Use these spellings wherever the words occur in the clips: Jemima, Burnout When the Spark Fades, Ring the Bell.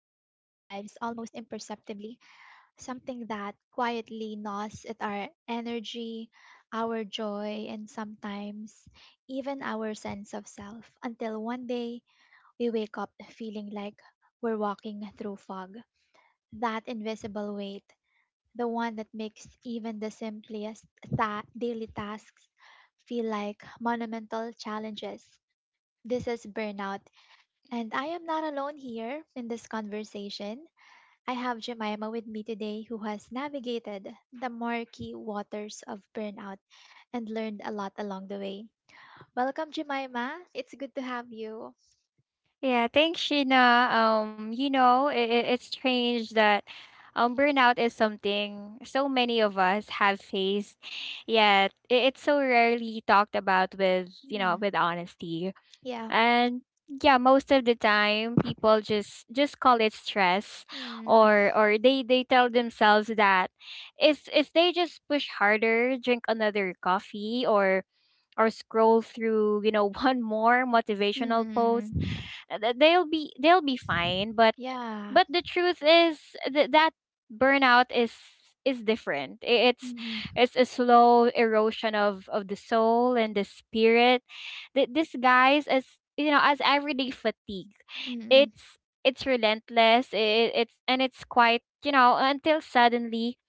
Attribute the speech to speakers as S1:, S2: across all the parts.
S1: almost imperceptibly, something that quietly gnaws at our energy, our joy, and sometimes even our sense of self until one day we wake up feeling like we're walking through fog. That invisible weight, the one that makes even the simplest daily tasks feel like monumental challenges. This is burnout, and I am not alone here in this conversation. I have Jemima with me today who has navigated the murky waters of burnout and learned a lot along the way. Welcome, Jemima. It's good to have you.
S2: Yeah, thanks, Sheena. It's strange that burnout is something so many of us have faced, yet it's so rarely talked about with, you
S1: Hmm.
S2: know, with honesty.
S1: Yeah.
S2: And yeah, most of the time people just call it stress
S1: Mm,
S2: or they tell themselves that if they just push harder, drink another coffee or scroll through, one more motivational post
S1: mm,
S2: they'll be fine
S1: yeah.
S2: but the truth is that burnout is different
S1: Mm,
S2: it's a slow erosion of the soul and the spirit that this as you know as everyday fatigue
S1: mm, mm,
S2: it's it's relentless it, it's and it's quite, you know, until suddenly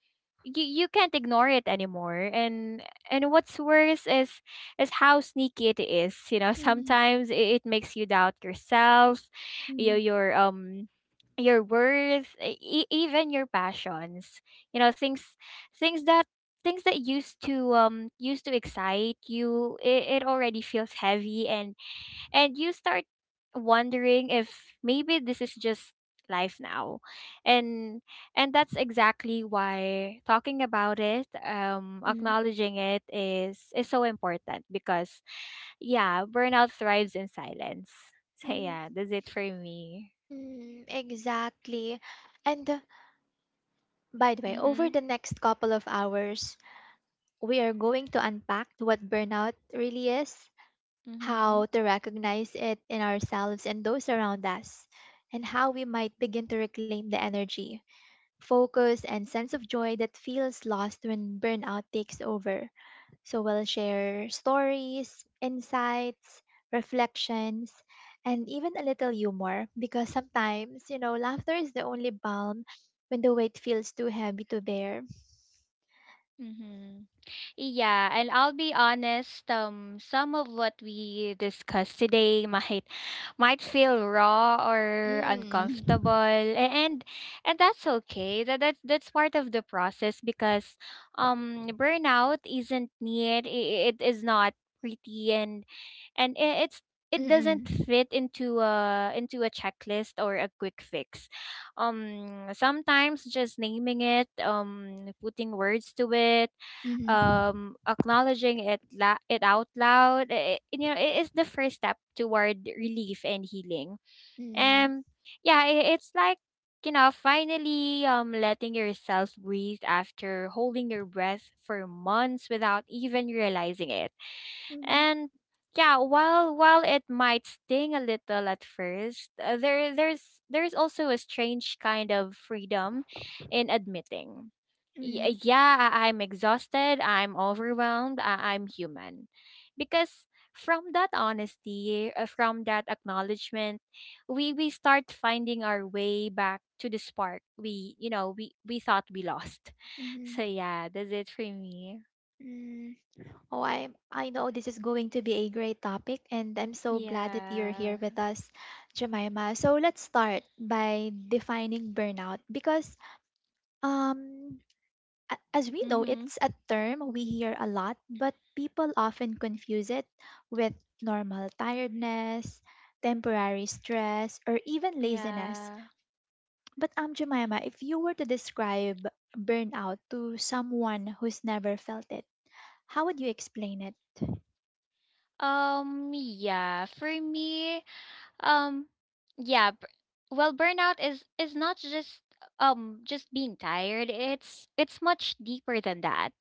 S2: you can't ignore it anymore. And what's worse is how sneaky it is, you know. Sometimes it makes you doubt yourself, your
S1: mm,
S2: your um your worth, even your passions, you know, things things that things that used to used to excite you, it already feels heavy. And you start wondering if maybe this is just life now. and and that's exactly why talking about it,
S1: mm,
S2: acknowledging it, is so important because yeah, burnout thrives in silence. So
S1: mm.
S2: yeah, that's it for me.
S1: Mm, exactly. And by the way,
S2: Mm-hmm.
S1: over the next couple of hours, we are going to unpack what burnout really is,
S2: Mm-hmm.
S1: how to recognize it in ourselves and those around us, and how we might begin to reclaim the energy, focus, and sense of joy that feels lost when burnout takes over. So we'll share stories, insights, reflections, and even a little humor because sometimes, laughter is the only balm when the weight feels too heavy to bear.
S2: Mm-hmm. Yeah, and I'll be honest, some of what we discussed today might feel raw or uncomfortable,
S1: Mm.
S2: and that's okay. That that's part of the process because burnout isn't neat, it is not pretty, and it's it doesn't
S1: Mm-mm.
S2: fit into a checklist or a quick fix. Sometimes just naming it, putting words to it,
S1: Mm-hmm.
S2: acknowledging it it out loud, I you know it is the first step toward relief and healing.
S1: Mm.
S2: And yeah, I it's like, you know, finally letting yourself breathe after holding your breath for months without even realizing it.
S1: Mm-hmm.
S2: And yeah, while it might sting a little at first, there's also a strange kind of freedom in admitting. "
S1: Mm.
S2: Yeah, I'm exhausted, I'm overwhelmed, I'm human. Because from that honesty, from that acknowledgement, we start finding our way back to the spark we thought we lost.
S1: Mm-hmm.
S2: So yeah, that's it for me.
S1: Mm. Oh, I know this is going to be a great topic, and I'm so glad that you're here
S2: Yeah.
S1: with us, Jemima. So let's start by defining burnout because um As we know,
S2: Mhm.
S1: it's a term we hear a lot, but people often confuse it with normal tiredness, temporary stress, or even laziness.
S2: Yeah.
S1: But Jemima, if you were to describe burnout to someone who's never felt it, how would you explain it?
S2: Yeah, for me, um yeah, well, burnout is not just just being tired. It's much deeper than that.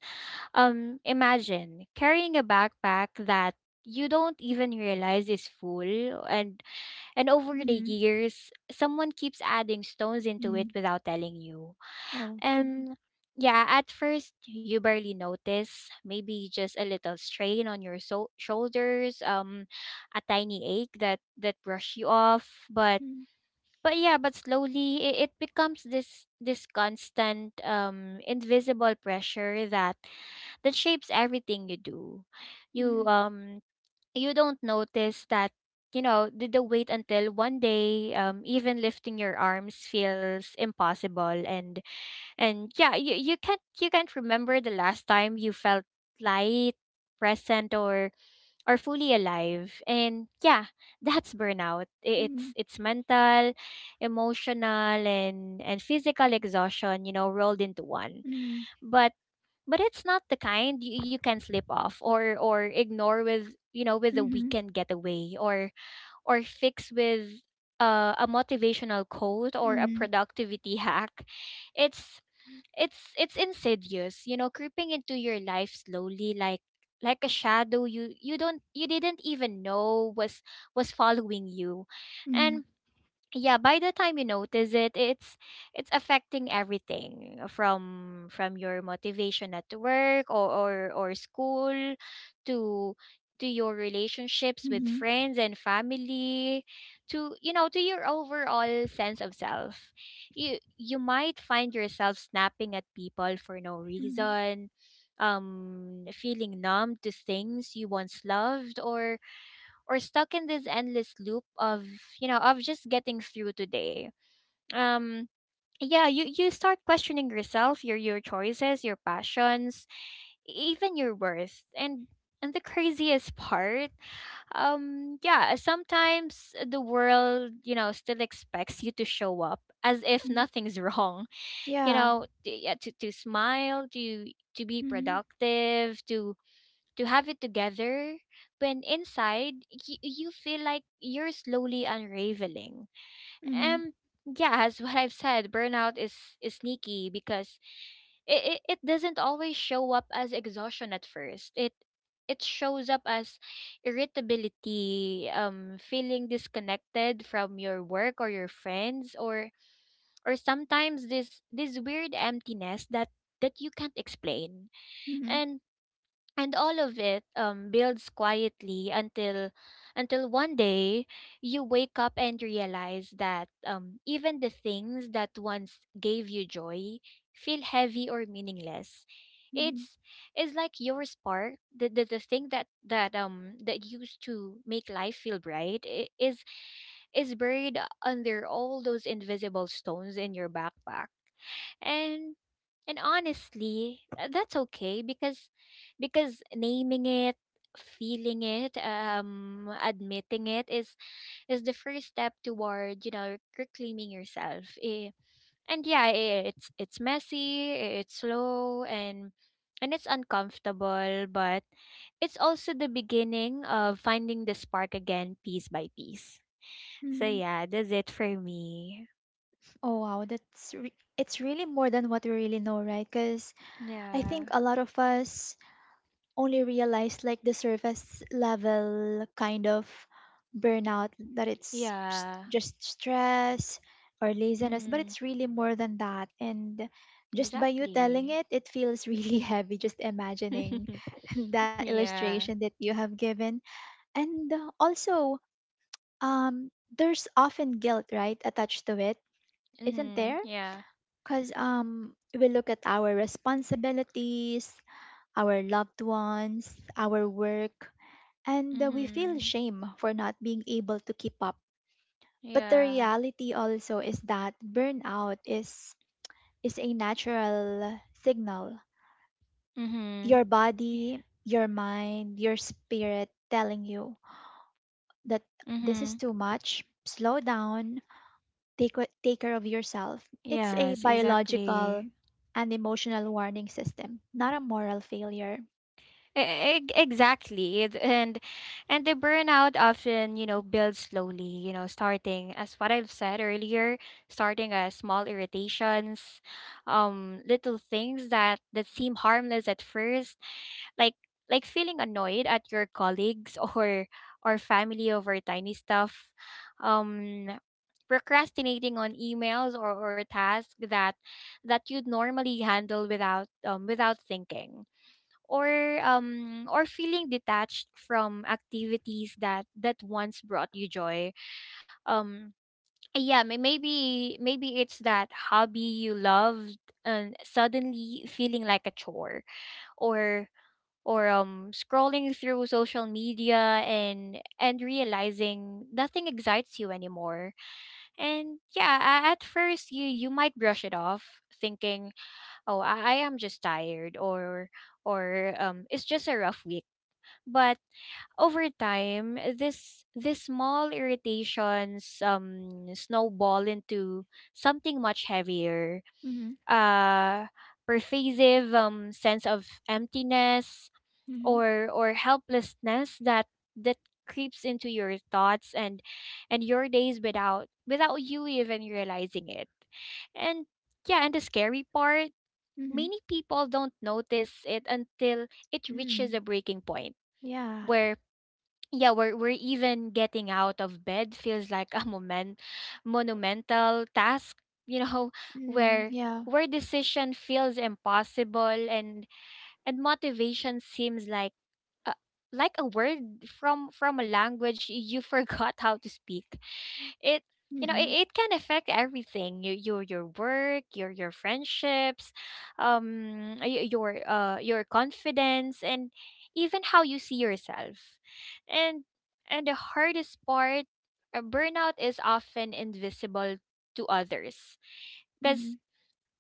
S2: Imagine carrying a backpack that you don't even realize is full, and over the
S1: Mm-hmm.
S2: years someone keeps adding stones into it
S1: Mm-hmm.
S2: without telling you.
S1: Oh.
S2: And yeah, at first you barely notice, maybe just a little strain on your shoulders, a tiny ache that that brush you off,
S1: Mm-hmm.
S2: but yeah, but slowly it becomes this this constant invisible pressure that that shapes everything you do. You
S1: Mm-hmm.
S2: um you don't notice that, you know, the wait until one day, even lifting your arms feels impossible. And yeah, you, you can't remember the last time you felt light, present, or fully alive. And yeah, that's burnout.
S1: Mm-hmm.
S2: It's mental, emotional, and physical exhaustion, you know, rolled into one. But but it's not the kind you, you can slip off or ignore with, you know, with a
S1: Mm-hmm.
S2: weekend getaway or fix with a motivational quote or a
S1: Mm-hmm.
S2: productivity hack. It's it's insidious, you know, creeping into your life slowly like a shadow you didn't even know was following you.
S1: Mm-hmm.
S2: And yeah, by the time you notice it, it's affecting everything from your motivation at work or school to to your relationships with
S1: Mm-hmm.
S2: friends and family to, you know, to your overall sense of self. You might find yourself snapping at people for no
S1: Mm-hmm.
S2: reason, feeling numb to things you once loved, or stuck in this endless loop of, you know, of just getting through today. um yeah, you start questioning yourself, your choices, your passions, even your worth. And the craziest part, yeah, sometimes the world, you know, still expects you to show up as if nothing's wrong, you
S1: Yeah.
S2: know, yeah, to smile, to be
S1: Mm-hmm.
S2: productive, to have it together when inside, you feel like you're slowly unraveling.
S1: Mm-hmm.
S2: And yeah, as what I've said, burnout is sneaky because it doesn't always show up as exhaustion at first. It shows up as irritability, feeling disconnected from your work or your friends, or sometimes this this weird emptiness that that you can't explain.
S1: Mm-hmm.
S2: And and all of it, builds quietly until one day you wake up and realize that, even the things that once gave you joy feel heavy or meaningless. it's it's like your spark, the thing that that that used to make life feel bright, is buried under all those invisible stones in your backpack. And honestly, that's okay because naming it, feeling it, admitting it is the first step toward, you know, reclaiming yourself. And yeah, it's messy, it's slow, and it's uncomfortable, but it's also the beginning of finding the spark again, piece by piece. So
S1: Mm-hmm.
S2: yeah, that's it for me.
S1: Oh wow, it's really more than what we really know, right? Because I
S2: Yeah.
S1: think a lot of us only realize like the surface level kind of burnout, that it's
S2: Yeah.
S1: just stress or laziness, but
S2: Mm-hmm.
S1: it's really more than that. And just by you telling
S2: Exactly.
S1: it, it feels really heavy just imagining that illustration
S2: Yeah.
S1: that you have given. And also, um, there's often guilt, right, attached to it, isn't
S2: Mm-hmm.
S1: there?
S2: Yeah.
S1: Because we look at our responsibilities, our loved ones, our work, and we feel
S2: Mm-hmm.
S1: shame for not being able to keep up. But the
S2: Yeah.
S1: reality also is that burnout is a natural signal.
S2: Mm-hmm.
S1: Your
S2: Yeah.
S1: body, your mind, your spirit telling you that this is
S2: Mm-hmm.
S1: too much. Slow down, take care of yourself. It's a
S2: Yes,
S1: biological
S2: exactly.
S1: and emotional warning system, not a moral failure.
S2: Exactly. And the burnout often, you know, builds slowly, you know, starting as what I've said earlier, starting as small irritations, little things that that seem harmless at first, like like feeling annoyed at your colleagues or family over tiny stuff. Um Procrastinating on emails or tasks that that you'd normally handle without without thinking, or feeling detached from activities that that once brought you joy. um yeah, maybe it's that hobby you loved and suddenly feeling like a chore, or or scrolling through social media and realizing nothing excites you anymore. And yeah, at first you might brush it off thinking, oh, I am just tired, or it's just a rough week. But over time, this small irritations snowball into something much heavier.
S1: Mhm.
S2: Uh Pervasive sense of emptiness
S1: Mhm.
S2: or helplessness that that creeps into your thoughts and your days without without you even realizing it. And yeah, and the scary part,
S1: Mhm.
S2: many people don't notice it until it reaches
S1: Mm.
S2: a breaking point
S1: Yeah.
S2: where yeah, we're even getting out of bed feels like a moment monumental task, you know,
S1: Mm.
S2: where
S1: Yeah.
S2: where decision feels impossible and motivation seems uh, like a word from a language you forgot how to speak it, you know, it,
S1: Mm.
S2: it can affect everything, your your work, your friendships, your confidence, and even how you see yourself. and and the hardest part, burnout is often invisible to others.
S1: Mhm.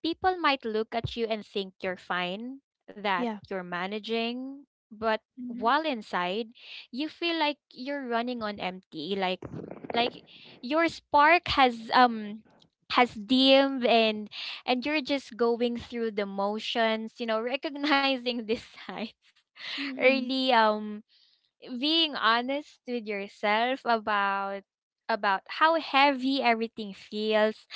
S2: People might look at you and think you're fine, that
S1: Yeah.
S2: you're managing, but
S1: Mhm.
S2: while inside, you feel like you're running on empty, like your spark has dimmed, and you're just going through the motions, you know, recognizing this signs
S1: Mhm.
S2: early, being honest with yourself about how heavy everything feels,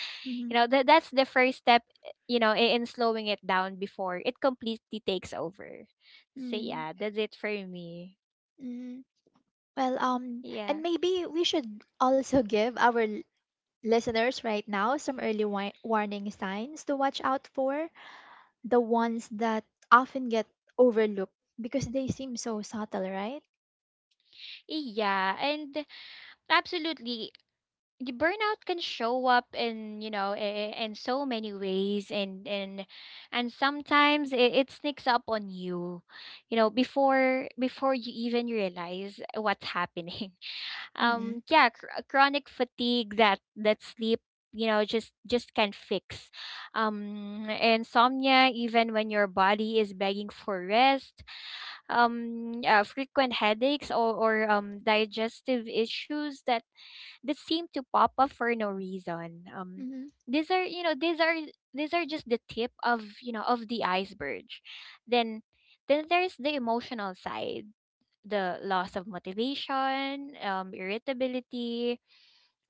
S2: you
S1: Mhm.
S2: know, that that's the first step, you know, in slowing it down before it completely takes over. So
S1: Mm.
S2: yeah, that's it for me.
S1: Mhm. Well,
S2: Yeah.
S1: and maybe we should also give our listeners right now some early warning signs to watch out for, the ones that often get overlooked because they seem so subtle, right?
S2: Yeah, and absolutely, burnout can show up in, you know, in so many ways. And and sometimes it sneaks up on you, you know, before before you even realize what's happening.
S1: Mm.
S2: Yeah, chronic fatigue that that sleep, you know, just can fix, insomnia even when your body is begging for rest, frequent headaches, or digestive issues that that seem to pop up for no reason.
S1: Mhm.
S2: These are, you know, these are just the tip of, you know, of the iceberg. Then then there's the emotional side, the loss of motivation, irritability,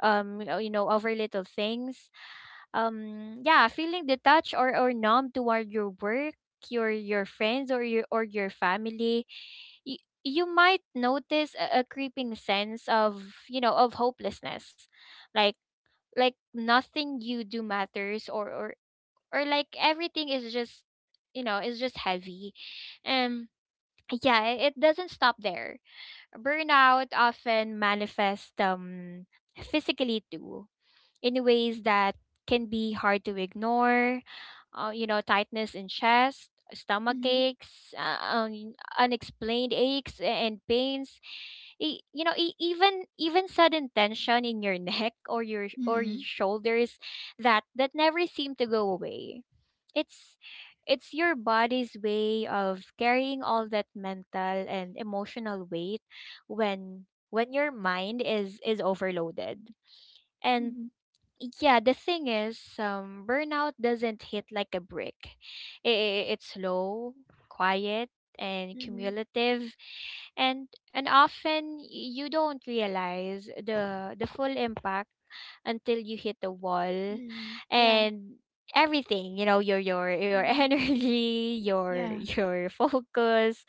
S2: you know, you know, over little things. Yeah, feeling detached or numb toward your work, your friends, or your family. You might notice a creeping sense of, you know, of hopelessness, like like nothing you do matters, or like everything is just, you know, is just heavy. um yeah, it doesn't stop there. Burnout often manifests physically too, in ways that can be hard to ignore. You know, tightness in chest, stomach
S1: Mhm.
S2: aches, unexplained aches and pains. Even sudden tension in your neck or your
S1: Mhm.
S2: shoulders that never seem to go away. It's it's your body's way of carrying all that mental and emotional weight when when your mind is overloaded.
S1: Mhm.
S2: Yeah, the thing is, burnout doesn't hit like a brick. It's slow, quiet, and
S1: Mhm.
S2: cumulative, and often you don't realize the full impact until you hit the wall.
S1: Mhm. Yeah.
S2: And everything, your
S1: Mhm.
S2: energy, your
S1: Yeah.
S2: focus,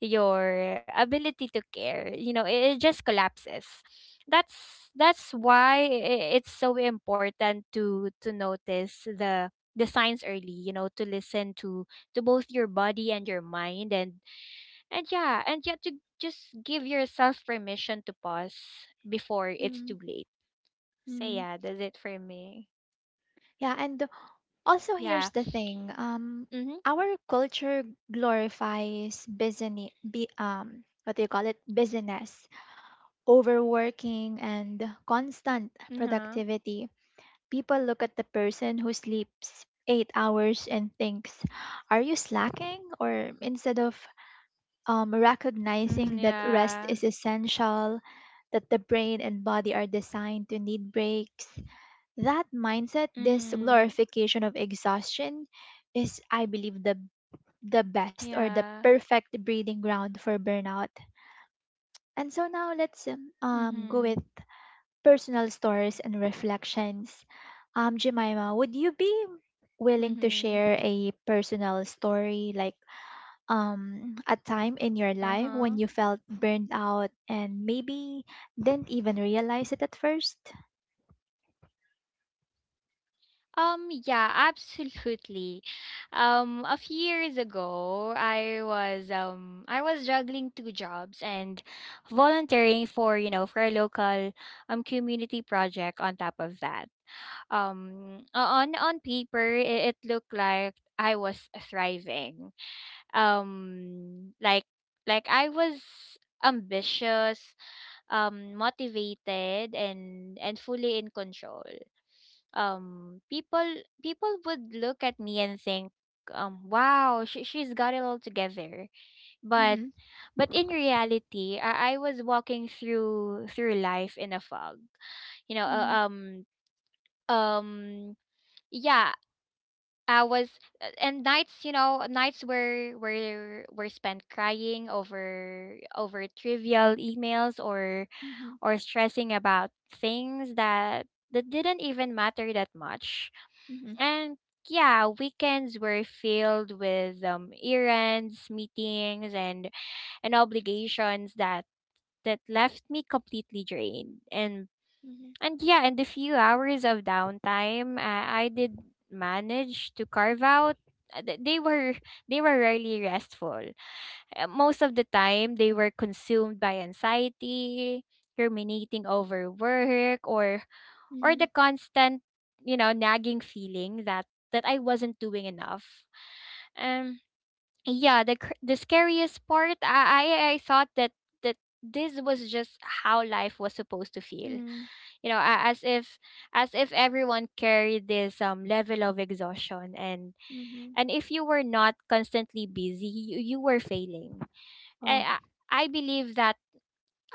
S2: your ability to care, it just collapses. That's why it's so important to notice the signs early, you know, to listen to both your body and your mind, and to just give yourself permission to pause before it's
S1: Mhm.
S2: too late. So
S1: Mhm.
S2: yeah, that's it for me.
S1: Yeah, and also
S2: Yeah.
S1: here's the thing. Um,
S2: Mm-hmm.
S1: our culture glorifies business. Be, what do you call it? Business, overworking, and constant
S2: Mm-hmm.
S1: productivity. People look at the person who sleeps 8 hours and thinks, are you slacking? Or instead of
S2: Mm-hmm.
S1: recognizing that rest
S2: Yeah.
S1: is essential, that the brain and body are designed to need breaks, that mindset, this
S2: Mm-hmm.
S1: glorification of exhaustion, is, I believe, the best or the
S2: Yeah.
S1: perfect breeding ground for burnout. And so now let's go with
S2: Mm-hmm.
S1: personal stories and reflections. Jemima, would you be willing to
S2: Mm-hmm.
S1: share a personal story, like a time in your life
S2: Uh-huh.
S1: when you felt burned out and maybe didn't even realize it at first?
S2: Yeah, absolutely. A few years ago, I was juggling two jobs and volunteering for, you know, for a local community project on top of that. On paper, it looked like I was thriving. Um, like like I was ambitious, motivated, and fully in control. Um people people would look at me and think, wow, she's got it all together. but
S1: Mm-hmm.
S2: but in reality, I was walking through life in a fog, you know uh,
S1: Mm-hmm.
S2: um um yeah I was a- and nights you know nights were spent crying over trivial emails,
S1: Mm-hmm.
S2: or stressing about things that didn't even matter that much.
S1: Mm-hmm.
S2: And yeah, weekends were filled with errands, meetings, and obligations that left me completely drained. And
S1: Mm-hmm.
S2: and yeah, in the few hours of downtime I did manage to carve out, uh, th- They were they were rarely restful. Most of the time they were consumed by anxiety, ruminating over work or
S1: Mm-hmm.
S2: the constant, you know, nagging feeling that I wasn't doing enough. Um yeah, the scariest part, I thought that that this was just how life was supposed to feel.
S1: Mm-hmm.
S2: You know, as if everyone carried this level of exhaustion,
S1: Mm-hmm.
S2: and if you were not constantly busy you were failing.
S1: Oh,
S2: I, I I believe that,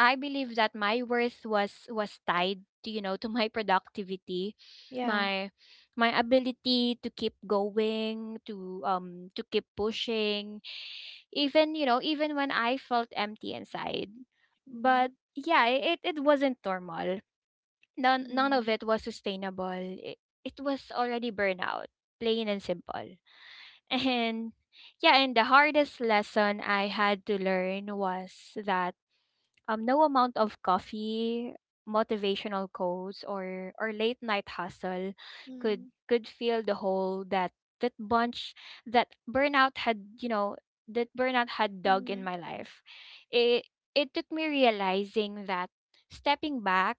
S2: my worth was tied to, you know, to my productivity,
S1: yeah.
S2: my ability to keep going, to keep pushing, even, you know, even when I felt empty inside.
S1: Mm-hmm.
S2: But yeah, it wasn't normal. None
S1: Mm-hmm.
S2: of it was sustainable. It was already burnout, plain and simple. And yeah, and the hardest lesson I had to learn was that, no amount of coffee, motivational quotes, or late night hustle could fill the hole that that bunch that burnout had you know that burnout had dug in
S1: Mm-hmm.
S2: my life. It it took me realizing that stepping back,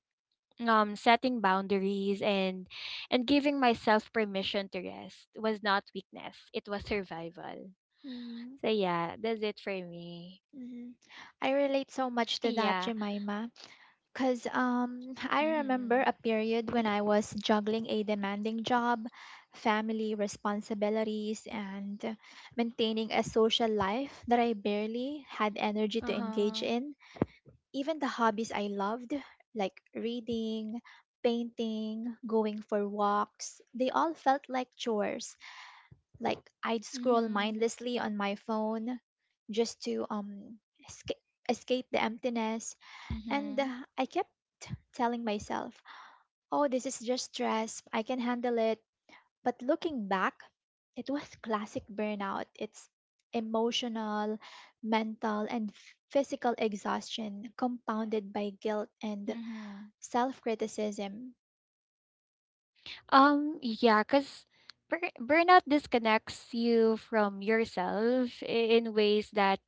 S2: setting boundaries, and giving myself permission to rest was not weakness. It was survival.
S1: Mm-hmm.
S2: So yeah, that's it for me.
S1: Mm-hmm. I relate so much to that,
S2: Yeah.
S1: Jemima. Because I remember
S2: Mm-hmm.
S1: a period when I was juggling a demanding job, family responsibilities, and maintaining a social life that I barely had energy to engage
S2: Uh-huh.
S1: in. Even the hobbies I loved, like reading, painting, going for walks, they all felt like chores. Like I'd scroll
S2: Mhm,
S1: mindlessly on my phone just to escape escape the emptiness, and
S2: mhm,
S1: I kept telling myself, "Oh, this is just stress. I can handle it." But looking back, it was classic burnout. It's emotional, mental, and physical exhaustion compounded by guilt and
S2: mhm.
S1: self-criticism.
S2: Yeah, because burnout disconnects you from yourself in ways that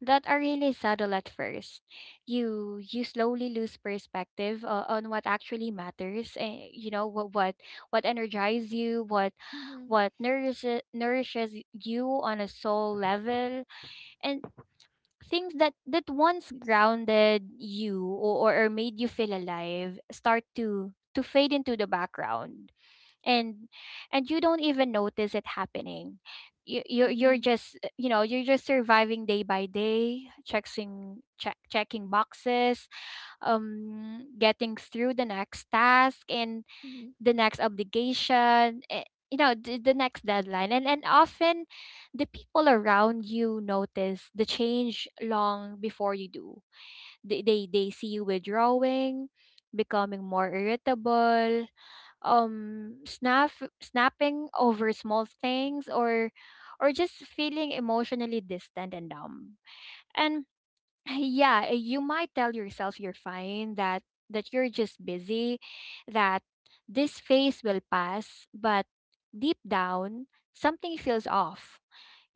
S2: that are really subtle at first. You slowly lose perspective, on what actually matters. What energizes you,
S1: Mhm,
S2: what nourishes you on a soul level, and things that once grounded you, or made you feel alive, start to fade into the background, and you don't even notice it happening. You're
S1: mhm,
S2: just you know, you're just surviving day by day, checking checking boxes, getting through the next task, and
S1: mhm,
S2: the next obligation, you know, the next deadline, and often the people around you notice the change long before you do. They see you withdrawing, becoming more irritable, um snap snapping over small things, or just feeling emotionally distant and numb. And yeah, you might tell yourself you're fine, that you're just busy, that this phase will pass, but deep down, something feels off.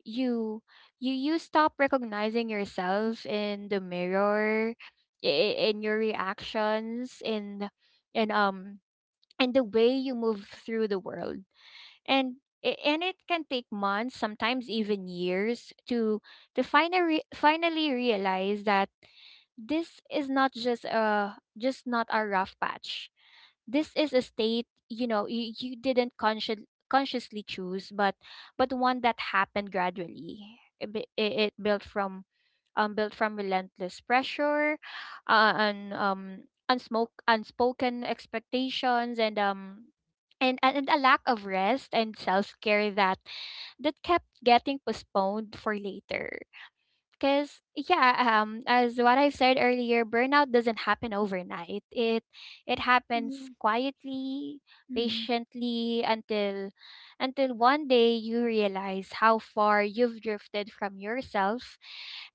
S2: You you stop recognizing yourself in the mirror, in your reactions, in in um in the way you move through the world. And and it can take months, sometimes even years, to finally realize that this is not just a, just not a rough patch. This is a state, you know, you didn't consciously choose, but one that happened gradually. It built from relentless pressure, and unsmoke unspoken expectations, and a lack of rest and self care that kept getting postponed for later, because yeah, as what I've said earlier, burnout doesn't happen overnight. It happens
S1: mhm,
S2: quietly,
S1: mhm,
S2: patiently, until one day you realize how far you've drifted from yourself,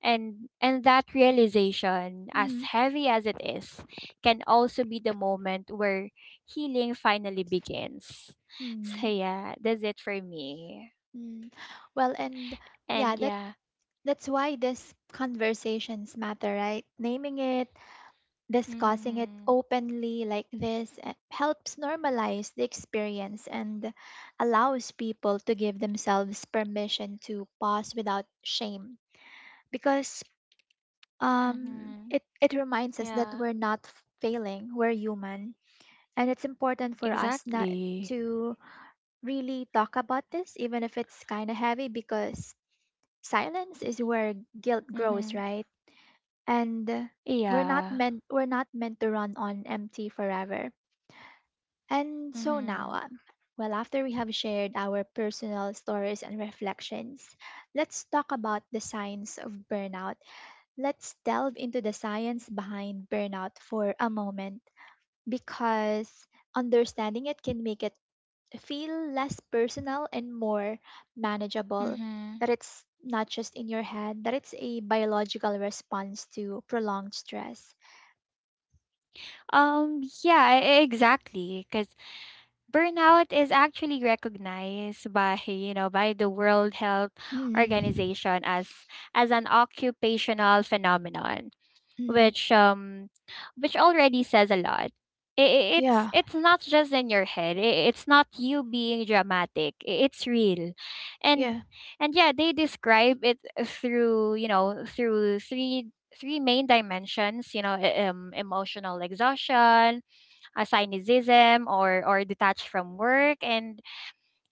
S2: and that realization, as
S1: mhm,
S2: heavy as it is, can also be the moment where healing finally begins. So
S1: mhm,
S2: yeah, that's it for me.
S1: mm. Well, and yeah,
S2: And
S1: that
S2: yeah.
S1: that's why these conversations matter, right? Naming it, discussing it
S2: Mhm.
S1: openly like this, helps normalize the experience and allows people to give themselves permission to pause without shame. Because
S2: Mhm.
S1: it reminds us that
S2: Yeah.
S1: we're not failing, we're human, and it's important for us not
S2: Exactly.
S1: to really talk about this, even if it's kind of heavy, because silence is where guilt grows,
S2: Mhm.
S1: right? And we're not
S2: Yeah.
S1: meant we're not meant to run on empty forever. And so now,
S2: Mhm.
S1: well, after we have shared our personal stories and reflections, let's talk about the signs of burnout. Let's delve into the science behind burnout for a moment because understanding it can make it feel less personal and more manageable.
S2: Mhm.
S1: That it's not just in your head, that it's a biological response to prolonged stress.
S2: Yeah, exactly, cuz burnout is actually recognized by, you know, by the World Health
S1: Mm.
S2: Organization as an occupational phenomenon,
S1: Mm-hmm.
S2: which already says a lot. I- i- It's
S1: Yeah,
S2: it's not just in your head. It's not you being dramatic. It's real, and
S1: yeah.
S2: yeah, they describe it through, you know, through three main dimensions. You know, emotional exhaustion, assignism, or detached from work, and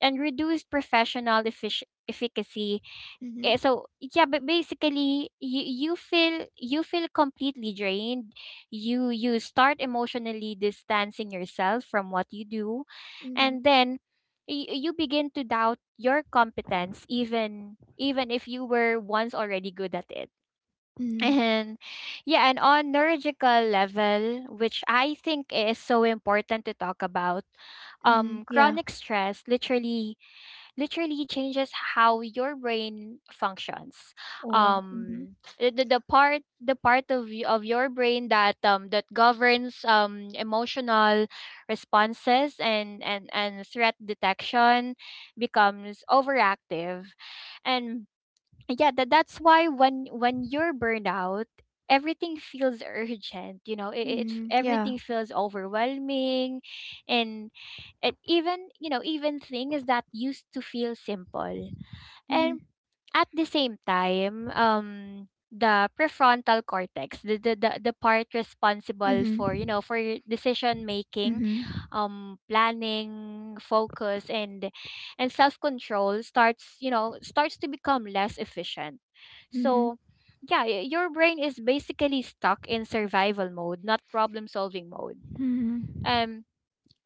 S2: reduced professional efficacy.
S1: Mm-hmm.
S2: So yeah, but basically, you feel completely drained. You start emotionally distancing yourself from what you do,
S1: Mm-hmm.
S2: and then you begin to doubt your competence, even if you were once already good at it.
S1: Mm-hmm.
S2: And yeah, and on neurological level, which I think is so important to talk about,
S1: Mm-hmm. Yeah.
S2: chronic stress literally changes how your brain functions.
S1: Oh. Mm-hmm.
S2: The part of of your brain that that governs emotional responses, and threat detection becomes overactive, and yeah, that's why when you're burned out, everything feels urgent. You know, it
S1: Mm-hmm. Yeah.
S2: everything feels overwhelming, and even, you know, even things that used to feel simple.
S1: Mm-hmm.
S2: And at the same time, the prefrontal cortex, the part responsible
S1: Mm-hmm.
S2: for, you know, for decision making,
S1: Mm-hmm.
S2: planning, focus, and self control, starts, you know, starts to become less efficient.
S1: Mm-hmm.
S2: So yeah, your brain is basically stuck in survival mode, not problem solving mode.
S1: Mm-hmm.
S2: Um,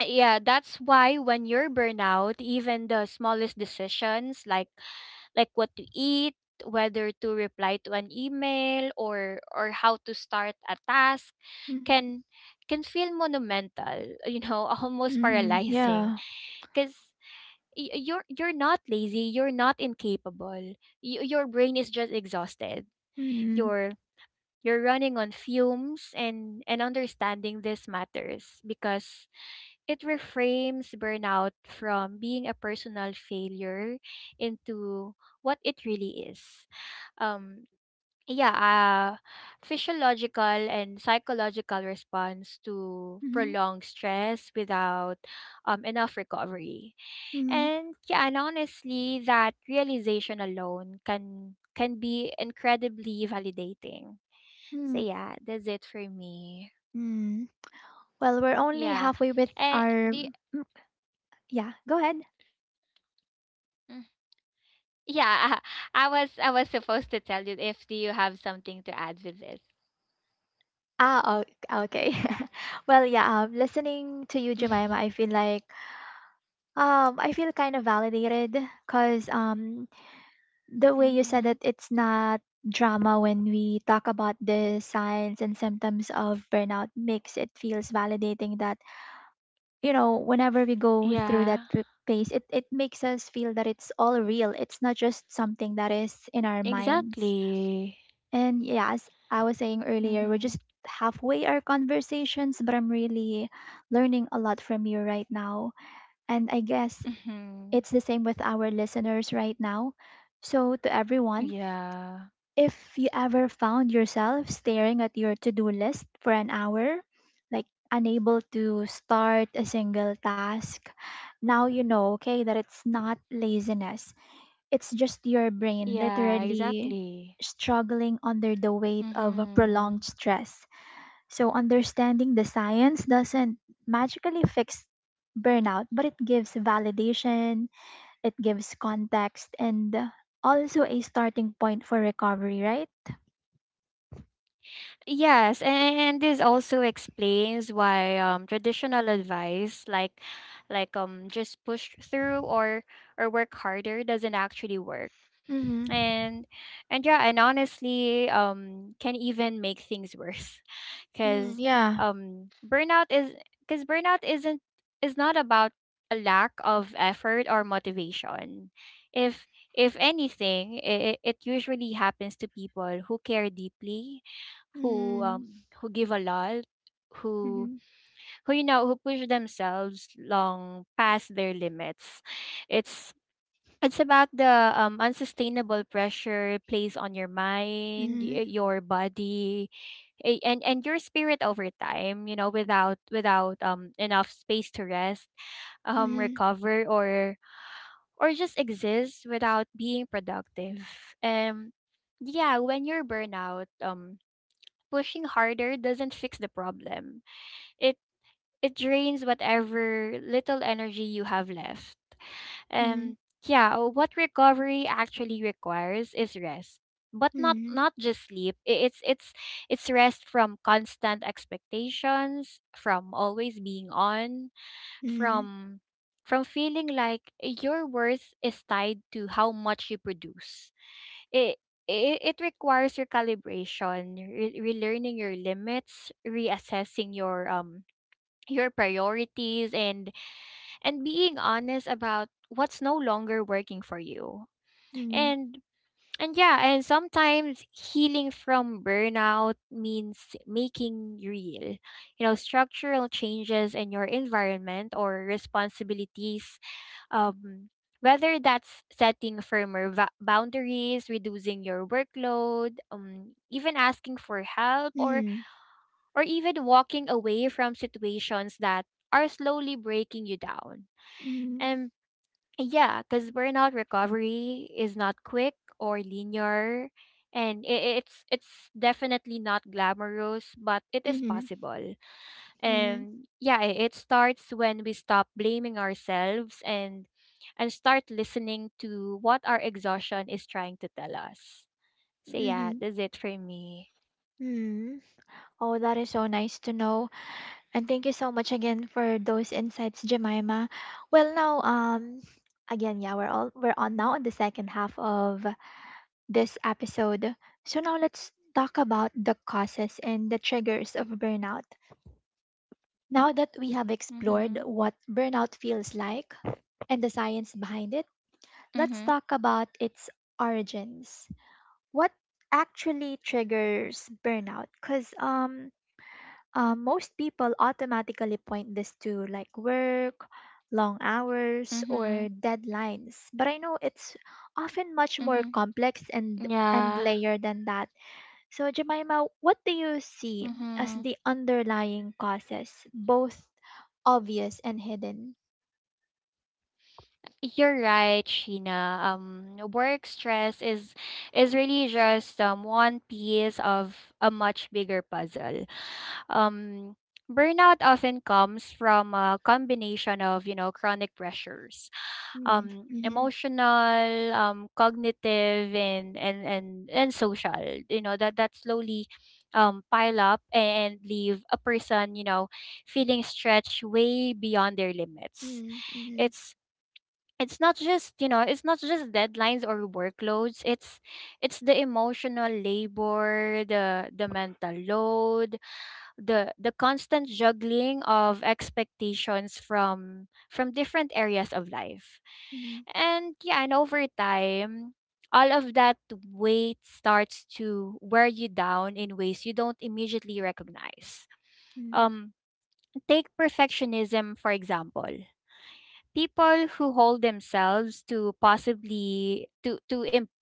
S2: yeah, that's why when you're burnout, even the smallest decisions, like what to eat, whether to reply to an email, or how to start a task,
S1: Mm-hmm.
S2: can feel monumental, you know, almost
S1: Mm-hmm.
S2: paralyzing,
S1: Yeah.
S2: cuz you're not lazy, you're not incapable. Your brain is just exhausted.
S1: Mm-hmm.
S2: You're you're running on fumes, and understanding this matters, because it reframes burnout from being a personal failure into what it really is. Um, yeah, uh, Physiological and psychological response to
S1: Mm-hmm.
S2: prolonged stress without enough recovery.
S1: Mm-hmm.
S2: And yeah, and honestly, that realization alone can be incredibly validating. So yeah, that's it for me.
S1: Mm-hmm. Well, we're only
S2: Yeah.
S1: halfway with
S2: And
S1: our.
S2: the.
S1: Yeah, go ahead.
S2: Yeah, I was supposed to tell you if do you have something to add with this.
S1: Ah, okay. Well, yeah, listening to you, Jemima, I feel kind of validated because the way you said
S2: Mm-hmm.
S1: that it's not drama when we talk about the signs and symptoms of burnout makes it feels validating, that you know whenever we go through that
S2: Yeah,
S1: phase, it makes us feel that it's all real, it's not just something that is in our minds.
S2: exactly.
S1: And yes, I was saying earlier, we're
S2: Mm-hmm.
S1: just halfway our conversations, but I'm really learning a lot from you right now. And I guess
S2: Mm-hmm.
S1: it's the same with our listeners right now. So, to everyone,
S2: Yeah.
S1: if you ever found yourself staring at your to do list for an hour, like unable to start a single task, now you know, okay, that it's not laziness. It's just your brain
S2: Yeah,
S1: literally
S2: exactly.
S1: struggling under the weight of a
S2: Mm-hmm.
S1: prolonged stress. So, understanding the science doesn't magically fix burnout, but it gives validation, it gives context, and also a starting point for recovery, right?
S2: Yes, and this also explains why traditional advice, like just push through, or work harder, doesn't actually work.
S1: Mm-hmm.
S2: and and yeah, and honestly, can even make things worse,
S1: Mm,
S2: because
S1: yeah.
S2: burnout is because burnout isn't is not about a lack of effort or motivation. If anything, it usually happens to people who care deeply,
S1: Mm,
S2: who give a lot, who
S1: mhm,
S2: push themselves long past their limits. It's it's about the, unsustainable pressure it plays on your mind,
S1: mhm,
S2: your body, and your spirit over time. You know, without enough space to rest,
S1: mhm,
S2: recover, or just exist without being productive. Um, yeah, when you're burnout, pushing harder doesn't fix the problem. It it drains whatever little energy you have left.
S1: mhm,
S2: And yeah, what recovery actually requires is rest. But
S1: mhm,
S2: not just sleep. It's it's rest from constant expectations, from always being on,
S1: mhm,
S2: from from feeling like your worth is tied to how much you produce. It it requires recalibration, relearning your limits, reassessing your priorities, and being honest about what's no longer working for you.
S1: mhm,
S2: And and yeah, and sometimes healing from burnout means making real, you know, structural changes in your environment or responsibilities. Um, Whether that's setting boundaries, reducing your workload, even asking for help,
S1: mhm,
S2: or even walking away from situations that are slowly breaking you down. Yeah, because burnout recovery is not quick or linear, and it's definitely not glamorous, but it is
S1: mhm, mhm,
S2: possible.
S1: mhm,
S2: And yeah, it starts when we stop blaming ourselves and start listening to what our exhaustion is trying to tell us. So yeah,
S1: mhm,
S2: that's it for me.
S1: mhm. Oh, that is so nice to know. And thank you so much again for those insights, Jemima. Well, now, again, yeah, we're on now on the second half of this episode. So now let's talk about the causes and the triggers of burnout. Now that we have explored
S2: Mm-hmm.
S1: what burnout feels like and the science behind it, let's
S2: Mm-hmm.
S1: talk about its origins. What actually triggers burnout? Because most people automatically point this to like work, long hours, or
S2: Mm-hmm.
S1: deadlines. But I know it's often much more
S2: Mm-hmm.
S1: complex and
S2: Yeah.
S1: layered than that. So Jemima, what do you see as
S2: Mm-hmm.
S1: the underlying causes, both obvious and hidden?
S2: You're right, Sheena. Work stress is really just one piece of a much bigger puzzle. Um, Burnout often comes from a combination of you know chronic pressures,
S1: Mm, mm-hmm,
S2: emotional, cognitive, and social. You know that that slowly pile up and leave a person you know feeling stretched way beyond their limits.
S1: mm, mm-hmm,
S2: It's it's not just you know it's not just deadlines or workloads it's the emotional labor the mental load the constant juggling of expectations from different areas of life,
S1: mm-hmm,
S2: and yeah, and over time all of that weight starts to wear you down in ways you don't immediately recognize.
S1: mm,
S2: um Take perfectionism for example. People who hold themselves to possibly to imp-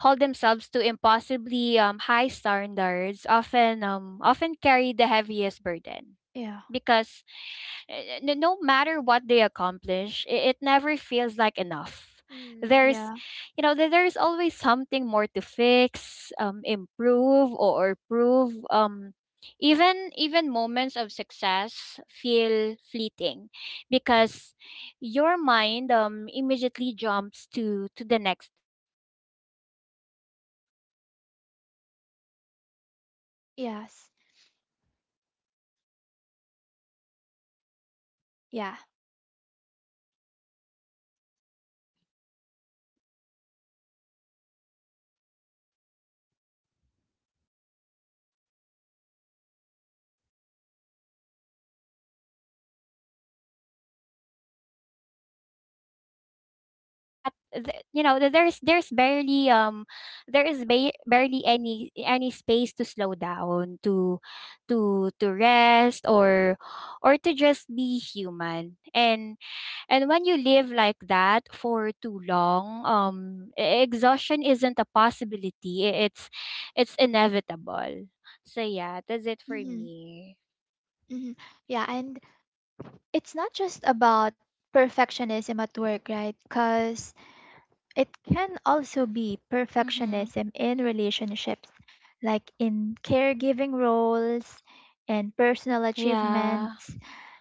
S2: hold themselves to impossibly high standards often carry the heaviest burden
S1: yeah,
S2: because uh, no matter what they accomplish, it never feels like enough.
S1: mm,
S2: There's,
S1: yeah,
S2: you know, there- There's always something more to fix, improve, or prove. Even even moments of success feel fleeting, because your mind immediately jumps to the next thing. Yeah, and then you add in a culture that
S1: yes,
S2: glorifies busyness, where we're being exhausted
S1: yeah.
S2: is almost worn like a badge of honor, and the constant pressure to be on 24/7, and yeah, responding to messages, staying productive, um, yeah, keeping up appearances, that there's barely barely any space to slow down, to to rest, or to just be human. And when you live like that for too long, exhaustion isn't a possibility, it's inevitable. So yeah, that's it for
S1: Mm-hmm,
S2: me.
S1: mm-hmm. Yeah, and it's not just about perfectionism at work, right? Because it can also be
S2: Mhm.
S1: perfectionism in relationships, like in caregiving roles and personal
S2: Yeah.
S1: achievements.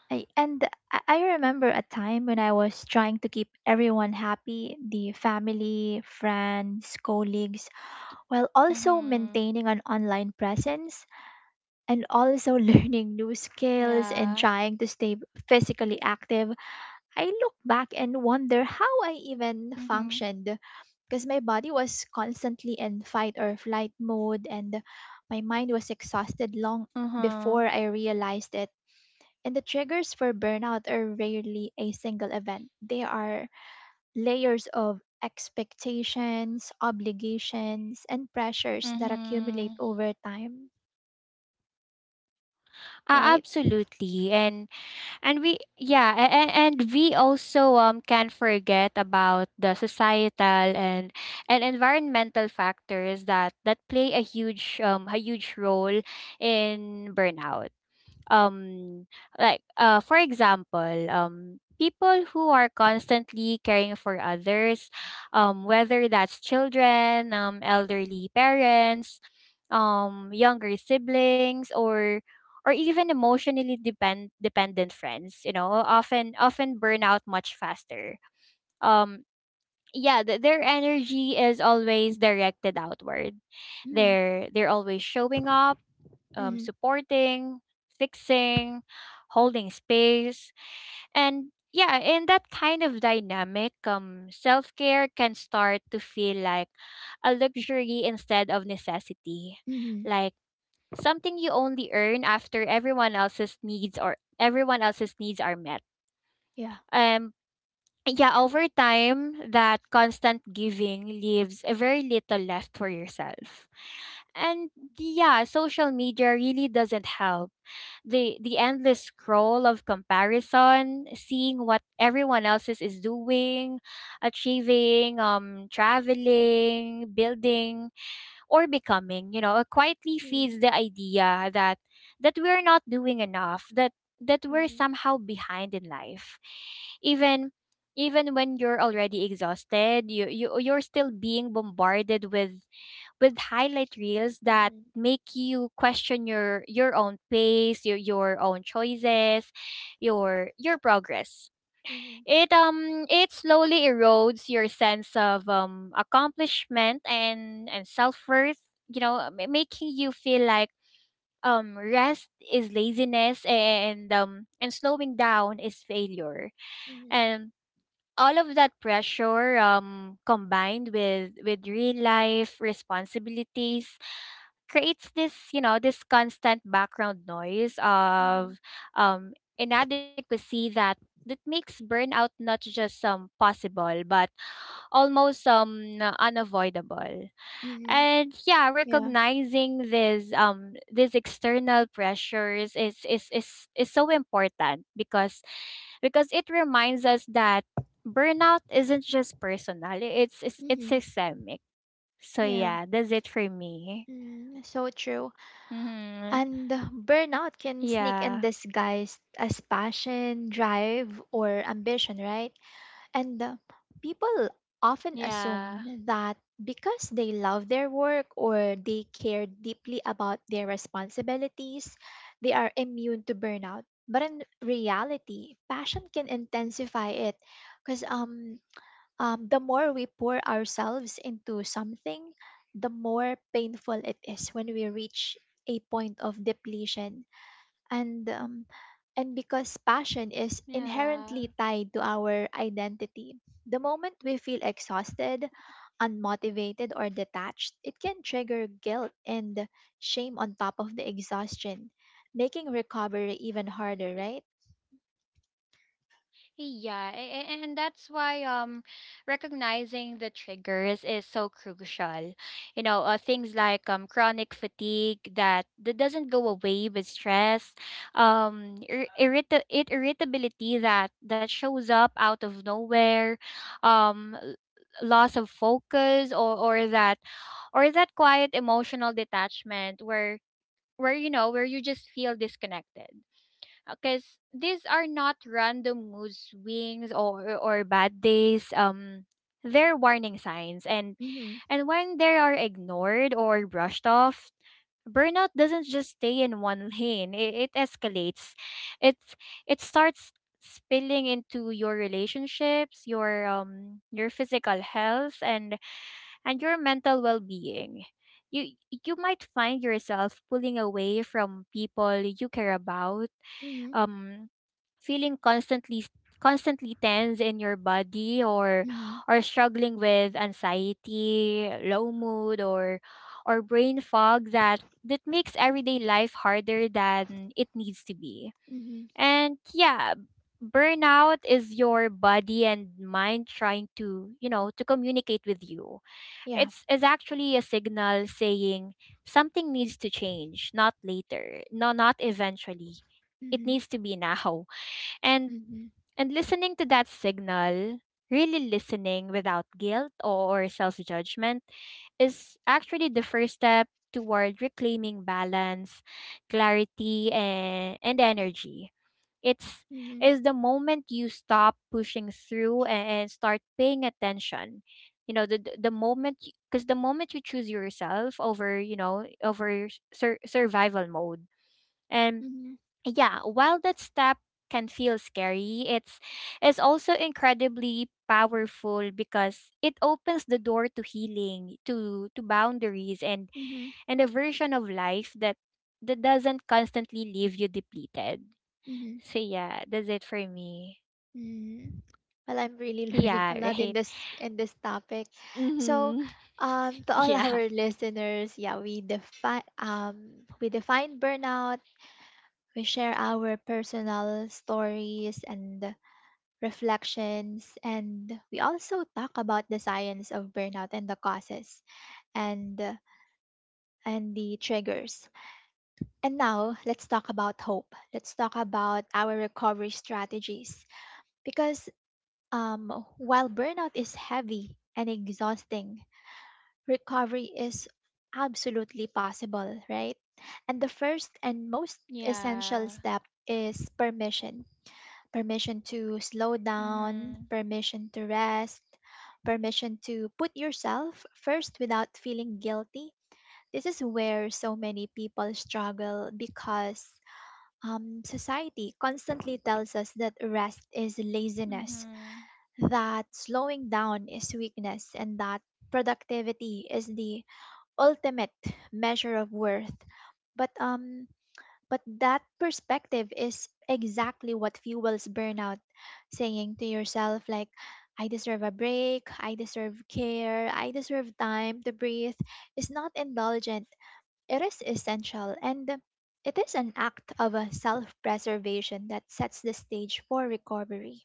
S1: And I remember a time when I was trying to keep everyone happy, the family, friends, colleagues, while also
S2: Mhm.
S1: maintaining an online presence and also learning new skills and
S2: Yeah.
S1: trying to stay physically active. I look back and wonder how I even
S2: Mhm.
S1: functioned, because my body was constantly in fight or flight mode and my mind was exhausted long before
S2: Uh-huh.
S1: I realized it. And the triggers for burnout are rarely a single event. They are layers of expectations, obligations, and pressures that accumulate
S2: Mhm.
S1: over time, right?
S2: Absolutely. And and we yeah, and, and we also can't forget about the societal and environmental factors that that play a huge role in burnout. um like, for example, people who are constantly caring for others, whether that's children, elderly parents, younger siblings, or even emotionally dependent friends, you know, often burn out much faster. um yeah, their energy is always directed outward.
S1: Mm.
S2: They're always showing up,
S1: Mm.
S2: supporting, fixing, holding space. And yeah, in that kind of dynamic, self care can start to feel like a luxury instead of necessity.
S1: Mm.
S2: Like something you only earn after everyone else's needs are met.
S1: Yeah.
S2: Um yeah, over time that constant giving leaves a very little left for yourself. And yeah, social media really doesn't help. The endless scroll of comparison, seeing what everyone else is doing, achieving, traveling, building, or becoming, you know, it quietly feeds the idea that we're not doing enough, that we're somehow behind in life. Even even when you're already exhausted, you're still being bombarded with highlight reels that make you question your own pace, your own choices, your progress. It slowly erodes your sense of accomplishment and self-worth, you know, making you feel like rest is laziness, and slowing down is failure. And all of that pressure combined with real life responsibilities creates this, you know, this constant background noise
S1: Mm-hmm.
S2: of um inadequacy that that makes burnout not just possible but almost unavoidable.
S1: Mm-hmm.
S2: And yeah,
S1: Yeah.
S2: recognizing these external pressures is so important because it reminds us that burnout isn't just personal, it's
S1: Mm-hmm.
S2: systemic. So
S1: Yeah.
S2: yeah, that's it for me.
S1: Mm, so true.
S2: Hmm.
S1: And burnout can sneak in
S2: Yeah.
S1: disguised as passion, drive, or ambition, right? And people often assume
S2: Yeah.
S1: that because they love their work or they care deeply about their responsibilities, they are immune to burnout. But in reality, passion can intensify it because the more we pour ourselves into something, the more painful it is when we reach a point of depletion. And because passion is
S2: Yeah.
S1: inherently tied to our identity, the moment we feel exhausted, unmotivated, or detached, it can trigger guilt and shame on top of the exhaustion, making recovery even harder, right?
S2: Yeah, and that's why recognizing the triggers is so crucial. You know, things like chronic fatigue that that doesn't go away with stress, ir- irrita- it irritability that that shows up out of nowhere, um l- loss of focus or or that quiet emotional detachment where you just feel disconnected, because these are not random mood swings or bad days. They're warning signs,
S1: Mhm.
S2: and when they are ignored or brushed off, burnout doesn't just stay in one lane. It escalates. It it starts spilling into your relationships, your physical health, and your mental well-being. You might find yourself pulling away from people you care about,
S1: Mhm.
S2: um feeling constantly tense in your body,
S1: Mhm.
S2: or struggling with anxiety, low mood, or brain fog that that makes everyday life harder than it needs to be.
S1: Mhm.
S2: And yeah, burnout is your body and mind trying to, you know, to communicate with you.
S1: Yeah.
S2: It's Is actually a signal saying something needs to change, not later, not eventually. It
S1: Mhm.
S2: needs to be now. And
S1: Mhm.
S2: and listening to that signal, really listening without guilt or self judgment, is actually the first step toward reclaiming balance, clarity, and energy. It's
S1: Mhm.
S2: Is the moment you stop pushing through, and start paying attention. You know, the moment you choose yourself over, you know, over survival mode. And
S1: Mhm.
S2: yeah, while that step can feel scary, it's also incredibly powerful because it opens the door to healing, to boundaries,
S1: Mhm.
S2: and a version of life that that doesn't constantly leave you depleted.
S1: Mhm.
S2: So yeah, that's it for me.
S1: Mhm. Well, I'm really learning
S2: Yeah,
S1: a lot in
S2: right.
S1: this topic. So,
S2: Mhm.
S1: to all
S2: Yeah.
S1: our listeners, yeah, we define burnout. We share our personal stories and reflections, and we also talk about the science of burnout and the causes and and the triggers. And now let's talk about hope. Let's talk about our recovery strategies because um, while burnout is heavy and exhausting, recovery is absolutely possible, right? And the first and most essential
S2: Yeah.
S1: step is permission, to slow down,
S2: Mhm.
S1: permission to rest, permission to put yourself first without feeling guilty. This is where so many people struggle because society constantly tells us that rest is laziness,
S2: Mhm.
S1: that slowing down is weakness, and that productivity is the ultimate measure of worth. But um, but that perspective is exactly what fuels burnout. Saying to yourself, like, I deserve a break, I deserve care, I deserve time to breathe, is not indulgent. It is essential, and it is an act of self preservation that sets the stage for recovery.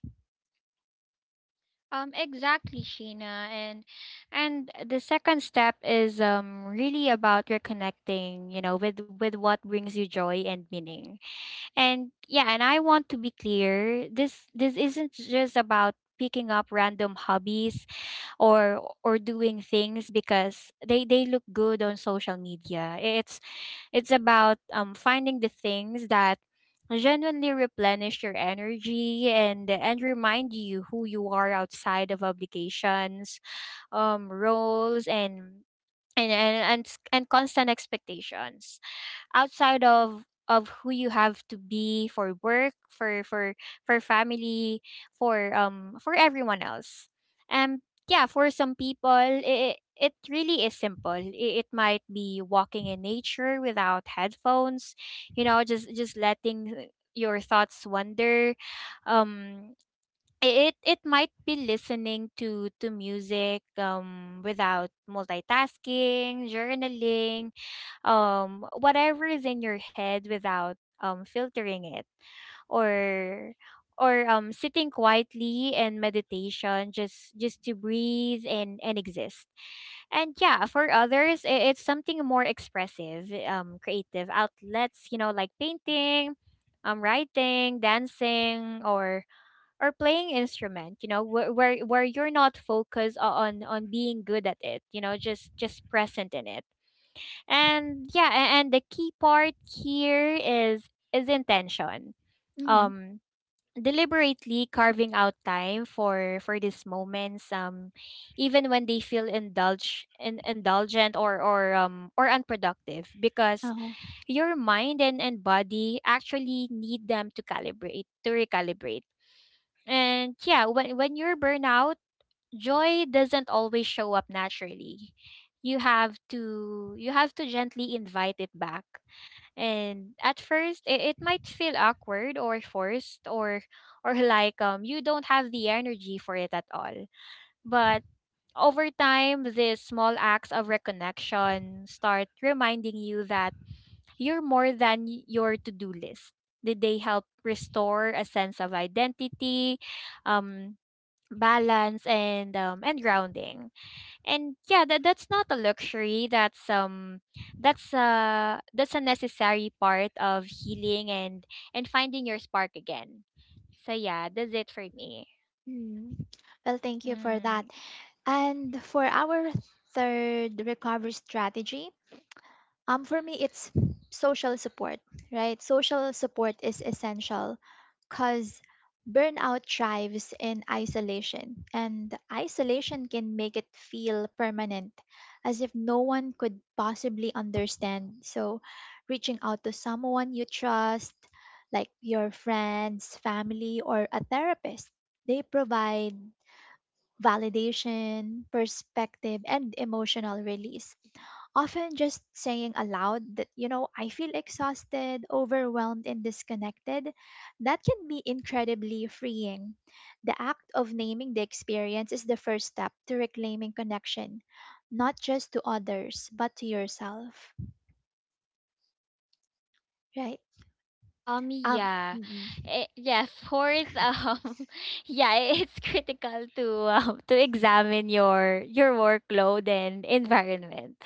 S2: Exactly, Sheena. And the second step is really about reconnecting, you know, with what brings you joy and meaning. And yeah, and I want to be clear, this isn't just about picking up random hobbies or doing things because they look good on social media. It's about finding the things that genuinely replenish your energy and remind you who you are outside of obligations, roles, and constant expectations outside of who you have to be for work, for for family, for everyone else. And yeah, for some people, it really is simple. It might be walking in nature without headphones, you know, just letting your thoughts wander. um it might be listening to music without multitasking, journaling whatever is in your head without filtering it, or or sitting quietly and meditation, just to breathe and exist. And yeah, for others, it's something more expressive, creative outlets, you know, like painting, writing, dancing, or playing instrument, you know, where you're not focused on being good at it, you know, just present in it. And yeah, and the key part here is intention.
S1: Hmm.
S2: Um Deliberately carving out time for these moments, even when they feel indulgent or unproductive, because
S1: Oh.
S2: your mind and body actually need them to calibrate to recalibrate. And yeah, when you're burnout, joy doesn't always show up naturally. You have to gently invite it back. And at first, it might feel awkward or forced, or like you don't have the energy for it at all. But over time, these small acts of reconnection start reminding you that you're more than your to-do list. Did they help restore a sense of identity? Um Balance and grounding. And yeah, that's not a luxury, that's a necessary part of healing and finding your spark again. So yeah, that's it for me.
S1: Mm. Well, thank you for that.
S2: Mm.
S1: And for our third recovery strategy, um, for me, it's social support, right? Social support is essential because burnout thrives in isolation, and isolation can make it feel permanent, as if no one could possibly understand. So, reaching out to someone you trust, like your friends, family, or a therapist, they provide validation, perspective, and emotional release. Often just saying aloud that, I feel exhausted, overwhelmed, and disconnected, that can be incredibly freeing. The act of naming the experience is the first step to reclaiming connection, not just to others, but to yourself, right? Um,
S2: Yeah.
S1: mm,
S2: Eh, yeah, fourth, yeah, it's critical to examine your workload and environment.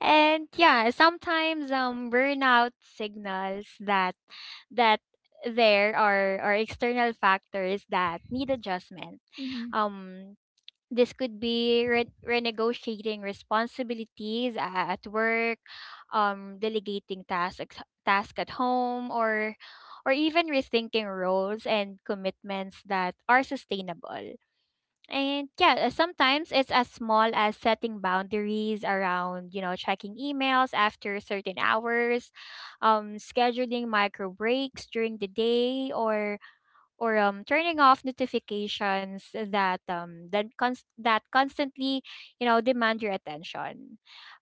S2: And yeah, sometimes burnout signals that there are external factors that need adjustment.
S1: mm,
S2: Um this could be renegotiating responsibilities at work, delegating task at home, or even rethinking roles and commitments that are sustainable. And yeah, sometimes it's as small as setting boundaries around, you know, checking emails after certain hours, scheduling micro breaks during the day, or turning off notifications that that constantly, you know, demand your attention,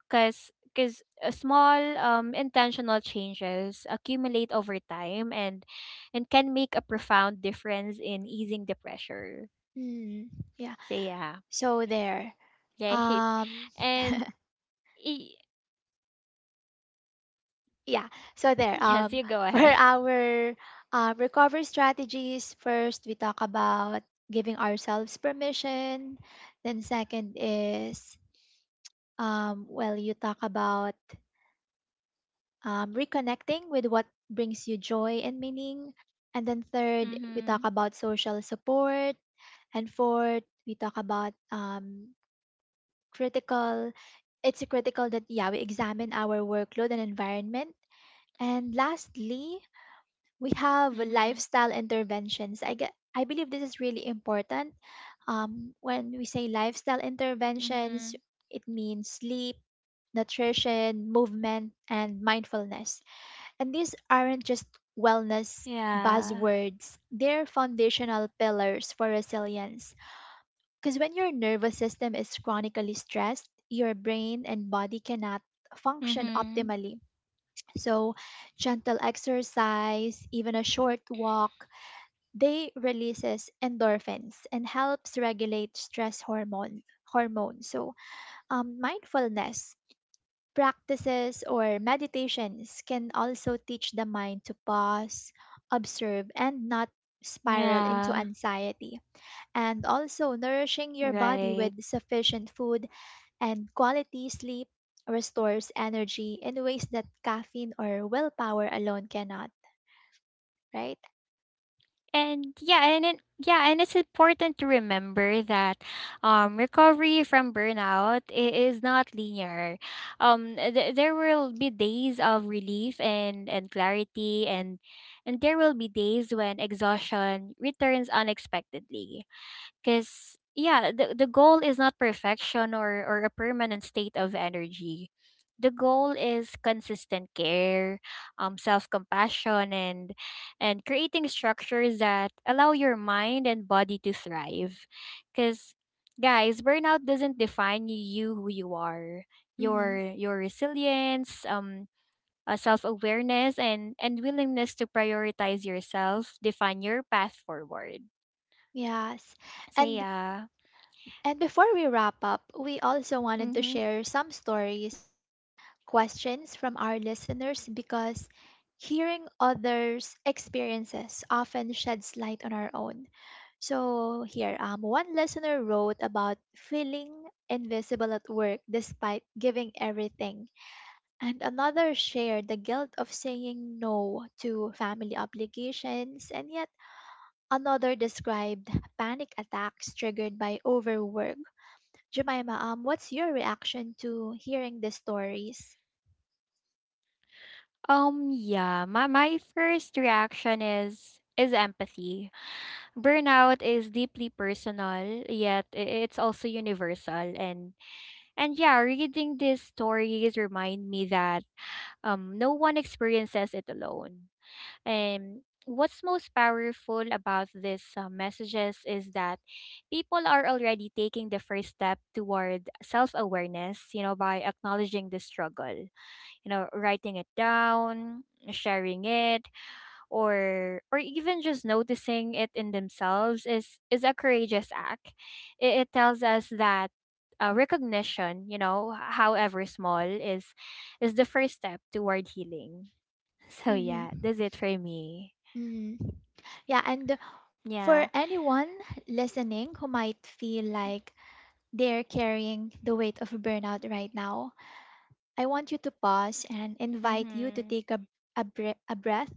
S2: because small, intentional changes accumulate over time, and can make a profound difference in easing the pressure.
S1: mm, yeah.
S2: So yeah.
S1: So there.
S2: Right.
S1: Um,
S2: And y-
S1: Yeah, so there.
S2: yes, you go
S1: For
S2: ahead.
S1: our recovery strategies, first we talk about giving ourselves permission. Then second is, well, you talk about reconnecting with what brings you joy and meaning. And then third, we talk
S2: Mhm.
S1: about social support. And fourth, we talk about critical. It's critical that yeah we examine our workload and environment. And lastly, we have
S2: Mhm.
S1: lifestyle interventions. I believe this is really important. When we say lifestyle interventions,
S2: Mhm.
S1: it means sleep, nutrition, movement, and mindfulness. And these aren't just wellness
S2: Yeah.
S1: buzzwords, they're foundational pillars for resilience. Because when your nervous system is chronically stressed, your brain and body cannot function
S2: Mhm.
S1: optimally. So, gentle exercise, even a short walk, they releases endorphins and helps regulate stress hormone. So mindfulness practices or meditations can also teach the mind to pause, observe, and not spiral into
S2: Yeah,
S1: anxiety. And also nourishing your body
S2: right.
S1: with sufficient food and quality sleep restores energy in ways that caffeine or willpower alone cannot, right?
S2: And yeah, and it, yeah, and it's important to remember that recovery from burnout is not linear. There will be days of relief and clarity, and there will be days when exhaustion returns unexpectedly. Because yeah, the goal is not perfection or a permanent state of energy. The goal is consistent care, self compassion, and creating structures that allow your mind and body to thrive. Because guys, burnout doesn't define you, who you are.
S1: Mm-hmm.
S2: Your resilience, self awareness, and willingness to prioritize yourself define your path forward.
S1: Yes.
S2: So
S1: And
S2: yeah.
S1: And before we wrap up, we also wanted to
S2: Mm-hmm.
S1: share some stories and questions from our listeners because hearing others' experiences often sheds light on our own. So here, one listener wrote about feeling invisible at work despite giving everything, and another shared the guilt of saying no to family obligations, and yet another described panic attacks triggered by overwork. Jemima, what's your reaction to hearing the stories?
S2: My first reaction is empathy. Burnout is deeply personal, yet it's also universal and yeah, reading these stories remind me that no one experiences it alone. And what's most powerful about these messages is that people are already taking the first step toward self-awareness, you know, by acknowledging the struggle, you know, writing it down, sharing it, or even just noticing it in themselves is a courageous act. It tells us that recognition, you know, however small, is the first step toward healing. So yeah,
S1: Hmm.
S2: that's it for me.
S1: Hmm. Yeah, and for
S2: Yeah.
S1: anyone listening who might feel like they're carrying the weight of burnout right now, I want you to pause and invite you to
S2: Mm-hmm.
S1: take a breath.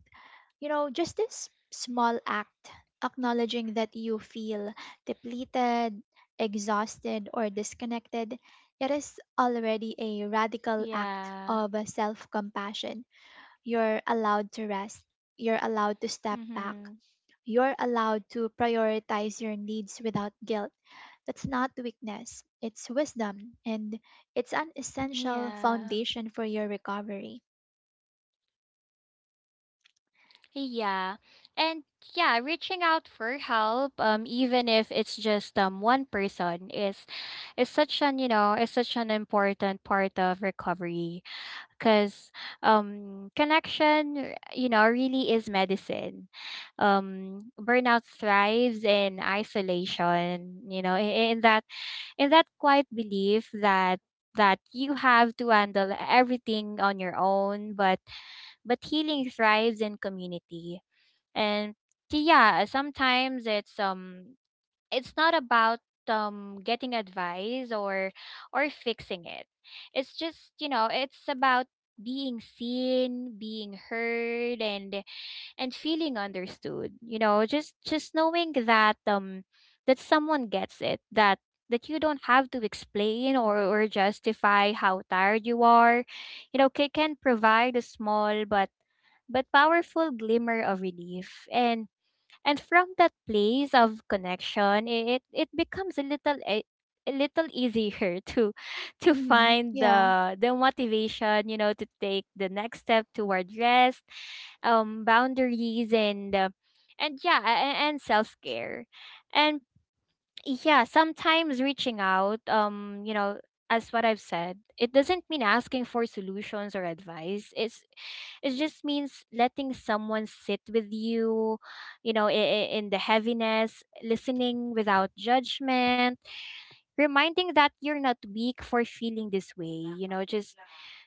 S1: You know, just this small act, acknowledging that you feel depleted, exhausted, or disconnected, it is already a radical act
S2: Yeah.
S1: of self compassion. You're allowed to rest. You're allowed to step back.
S2: Mm-hmm.
S1: You're allowed to prioritize your needs without guilt. That's not weakness, it's wisdom, and it's an essential
S2: Yeah.
S1: foundation for your recovery.
S2: Yeah. And yeah, reaching out for help, even if it's just one person is such an, you know, is such an important part of recovery, because connection, you know, really is medicine. Um, burnout thrives in isolation, you know, in that in that quiet belief that you have to handle everything on your own, but healing thrives in community. And yeah, sometimes it's not about getting advice or fixing it. It's just, you know, it's about being seen, being heard, and feeling understood, you know, just knowing that that someone gets it, that you don't have to explain or justify how tired you are, you know, can provide a small but powerful glimmer of relief. And from that place of connection, it becomes a little easier to
S1: Hmm.
S2: find
S1: Yeah.
S2: the motivation, you know, to take the next step toward rest, boundaries, and yeah, and self care, and yeah, sometimes reaching out, you know, as what I've said, it doesn't mean asking for solutions or advice. It's, it just means letting someone sit with you, you know, in the heaviness, listening without judgment, reminding that you're not weak for feeling this way. You know, just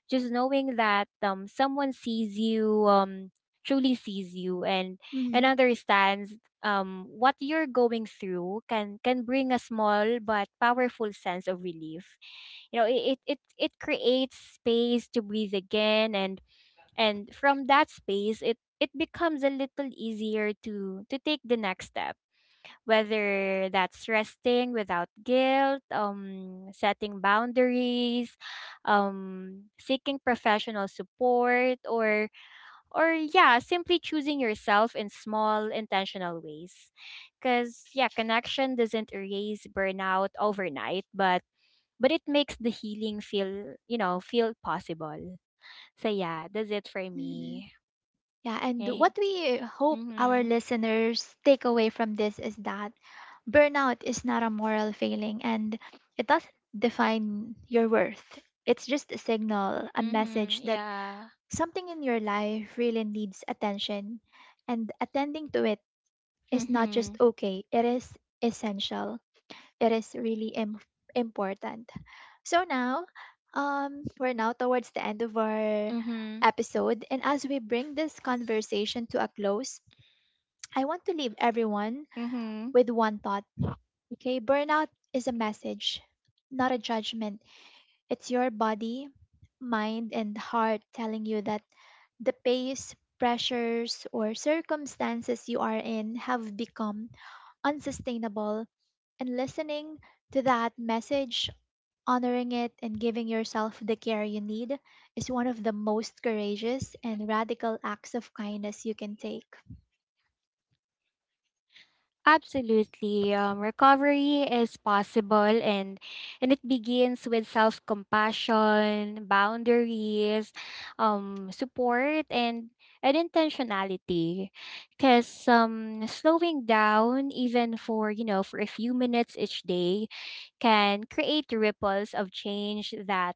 S2: just knowing that someone sees you, truly sees you, and
S1: Hmm.
S2: understands what you're going through, can bring a small but powerful sense of relief. You know, it creates space to breathe again. And from that space, it becomes a little easier to take the next step, whether that's resting without guilt, setting boundaries, seeking professional support, or yeah, simply choosing yourself in small intentional ways. Because yeah, connection doesn't erase burnout overnight, but it makes the healing feel, you know, feel possible. So yeah, that's it for
S1: Hmm.
S2: me.
S1: Yeah, and what we hope our
S2: Mhm.
S1: listeners take away from this is that burnout is not a moral failing and it doesn't define your worth. It's just a signal, a
S2: Mhm.
S1: message that
S2: Yeah.
S1: something in your life really needs attention, and attending to it is not just
S2: Mhm.
S1: okay, it is essential. It is really important. So now, we're now towards the end of our
S2: Mhm.
S1: episode, and as we bring this conversation to a close, I want to leave everyone
S2: Mhm.
S1: with one thought. Okay, burnout is a message, not a judgment. It's your body, mind, and heart telling you that the pace, pressures, or circumstances you are in have become unsustainable. And listening to that message, honoring it, and giving yourself the care you need is one of the most courageous and radical acts of kindness you can take.
S2: Absolutely. Recovery is possible, and it begins with self-compassion, boundaries, support, and intentionality. 'Cause slowing down, even for, you know, for a few minutes each day, can create ripples of change that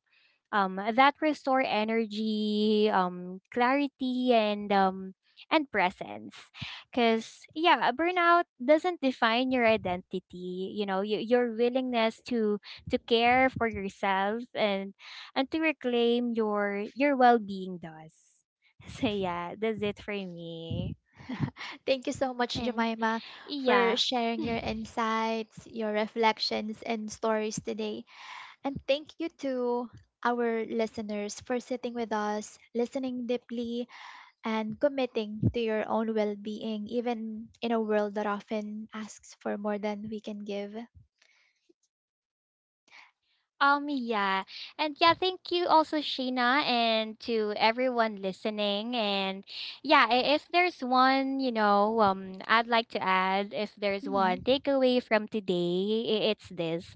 S2: that restore energy, clarity, and presence. Because, yeah, burnout doesn't define your identity. You know, your willingness to care for yourself and to reclaim your well being does. So yeah, that's it for me.
S1: Thank you so much,
S2: And
S1: Jemima, for
S2: yeah.
S1: sharing your insights, your reflections, and stories today. And thank you to our listeners for sitting with us, listening deeply, and committing to your own well being, even in a world that often asks for more than we can give.
S2: Yeah. And yeah, thank you also, Sheena, and to everyone listening. And yeah, if there's one, you know, I'd like to add, if there's
S1: Hmm.
S2: one takeaway from today, it's this.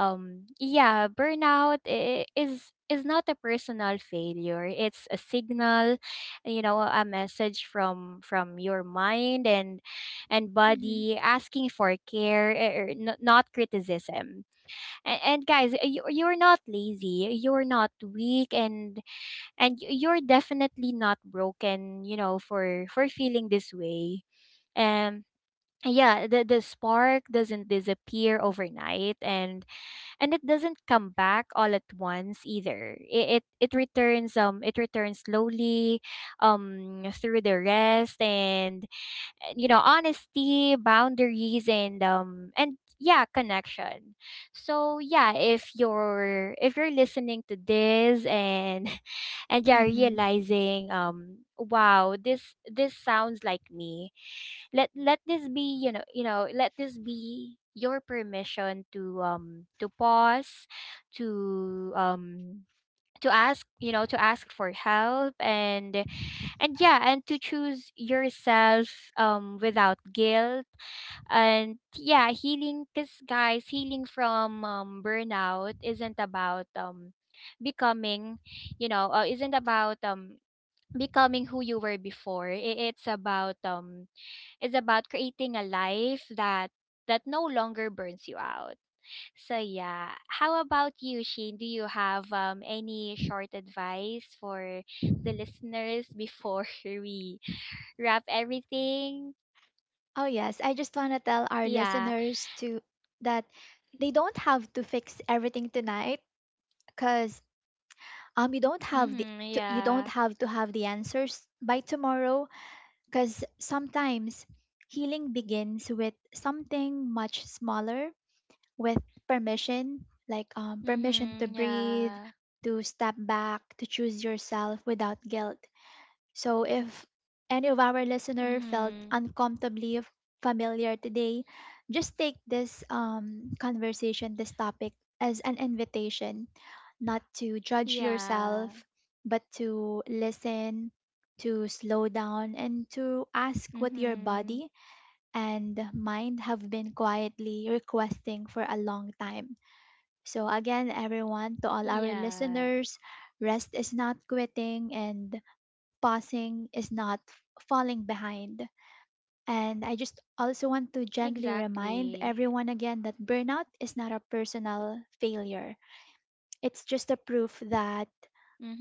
S2: Yeah, burnout is not a personal failure. It's a signal, you know, a message from your mind and
S1: Hmm.
S2: body asking for care, not criticism. And guys, you're not lazy, you're not weak, and you're definitely not broken, you know, for feeling this way. Um, yeah, the spark doesn't disappear overnight, and it doesn't come back all at once either. It returns, it returns slowly, through the rest and, you know, honesty, boundaries, and yeah, connection. So yeah, if you're listening to this, and and yeah,
S1: Hmm.
S2: realizing, wow, this sounds like me, let this be, you know, let this be your permission to, to pause, to, to ask, you know, to ask for help, and yeah, and to choose yourself without guilt. And yeah, healing, because guys, healing from, burnout isn't about, becoming you know isn't about, becoming who you were before. It's about creating a life that no longer burns you out. So yeah, how about you, Sheen? Do you have any short advice for the listeners before we wrap everything?
S1: Oh, yes. I just want to tell our
S2: Yeah.
S1: listeners to that they don't have to fix everything tonight because um, you don't have the
S2: Mhm.
S1: you don't
S2: Yeah.
S1: have to have the answers by tomorrow. Because sometimes healing begins with something much smaller, with permission, like permission to
S2: Mhm.
S1: breathe,
S2: Yeah.
S1: to step back, to choose yourself without guilt. So, if any of our listener felt
S2: Mhm.
S1: familiar today, just take this conversation, this topic, as an invitation not to judge
S2: Yeah.
S1: yourself, but to listen, to slow down, and to ask what your
S2: Mhm.
S1: body and mind have been quietly requesting for a long time. So, again, everyone, to all our
S2: Yeah.
S1: listeners, rest is not quitting, and passing is not falling behind. And I just also want to gently remind
S2: Exactly.
S1: everyone again that burnout is not a personal failure. It's just a proof that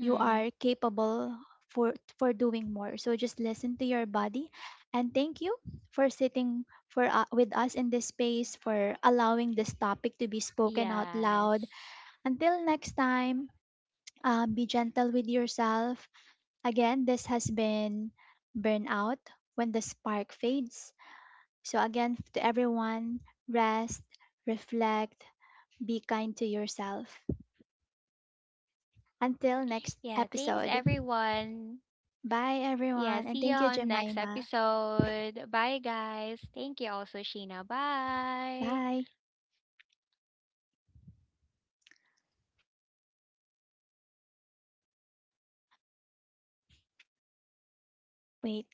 S1: you are capable for for doing more. So just listen to your body and thank you for sitting for with us in this space for allowing this topic to be spoken out loud.
S2: Yes.
S1: Until next time, be gentle with yourself. Again, this has been Burnout When the Spark Fades. So, again, to everyone, rest, reflect, be kind to yourself. Until next
S2: Yeah, thanks
S1: episode.
S2: everyone.
S1: Bye,
S2: Yeah,
S1: everyone. And
S2: see you
S1: thank you,
S2: on next
S1: Jemima.
S2: episode. Bye guys. Thank you also, Sheena. Bye.
S1: Bye. Wait.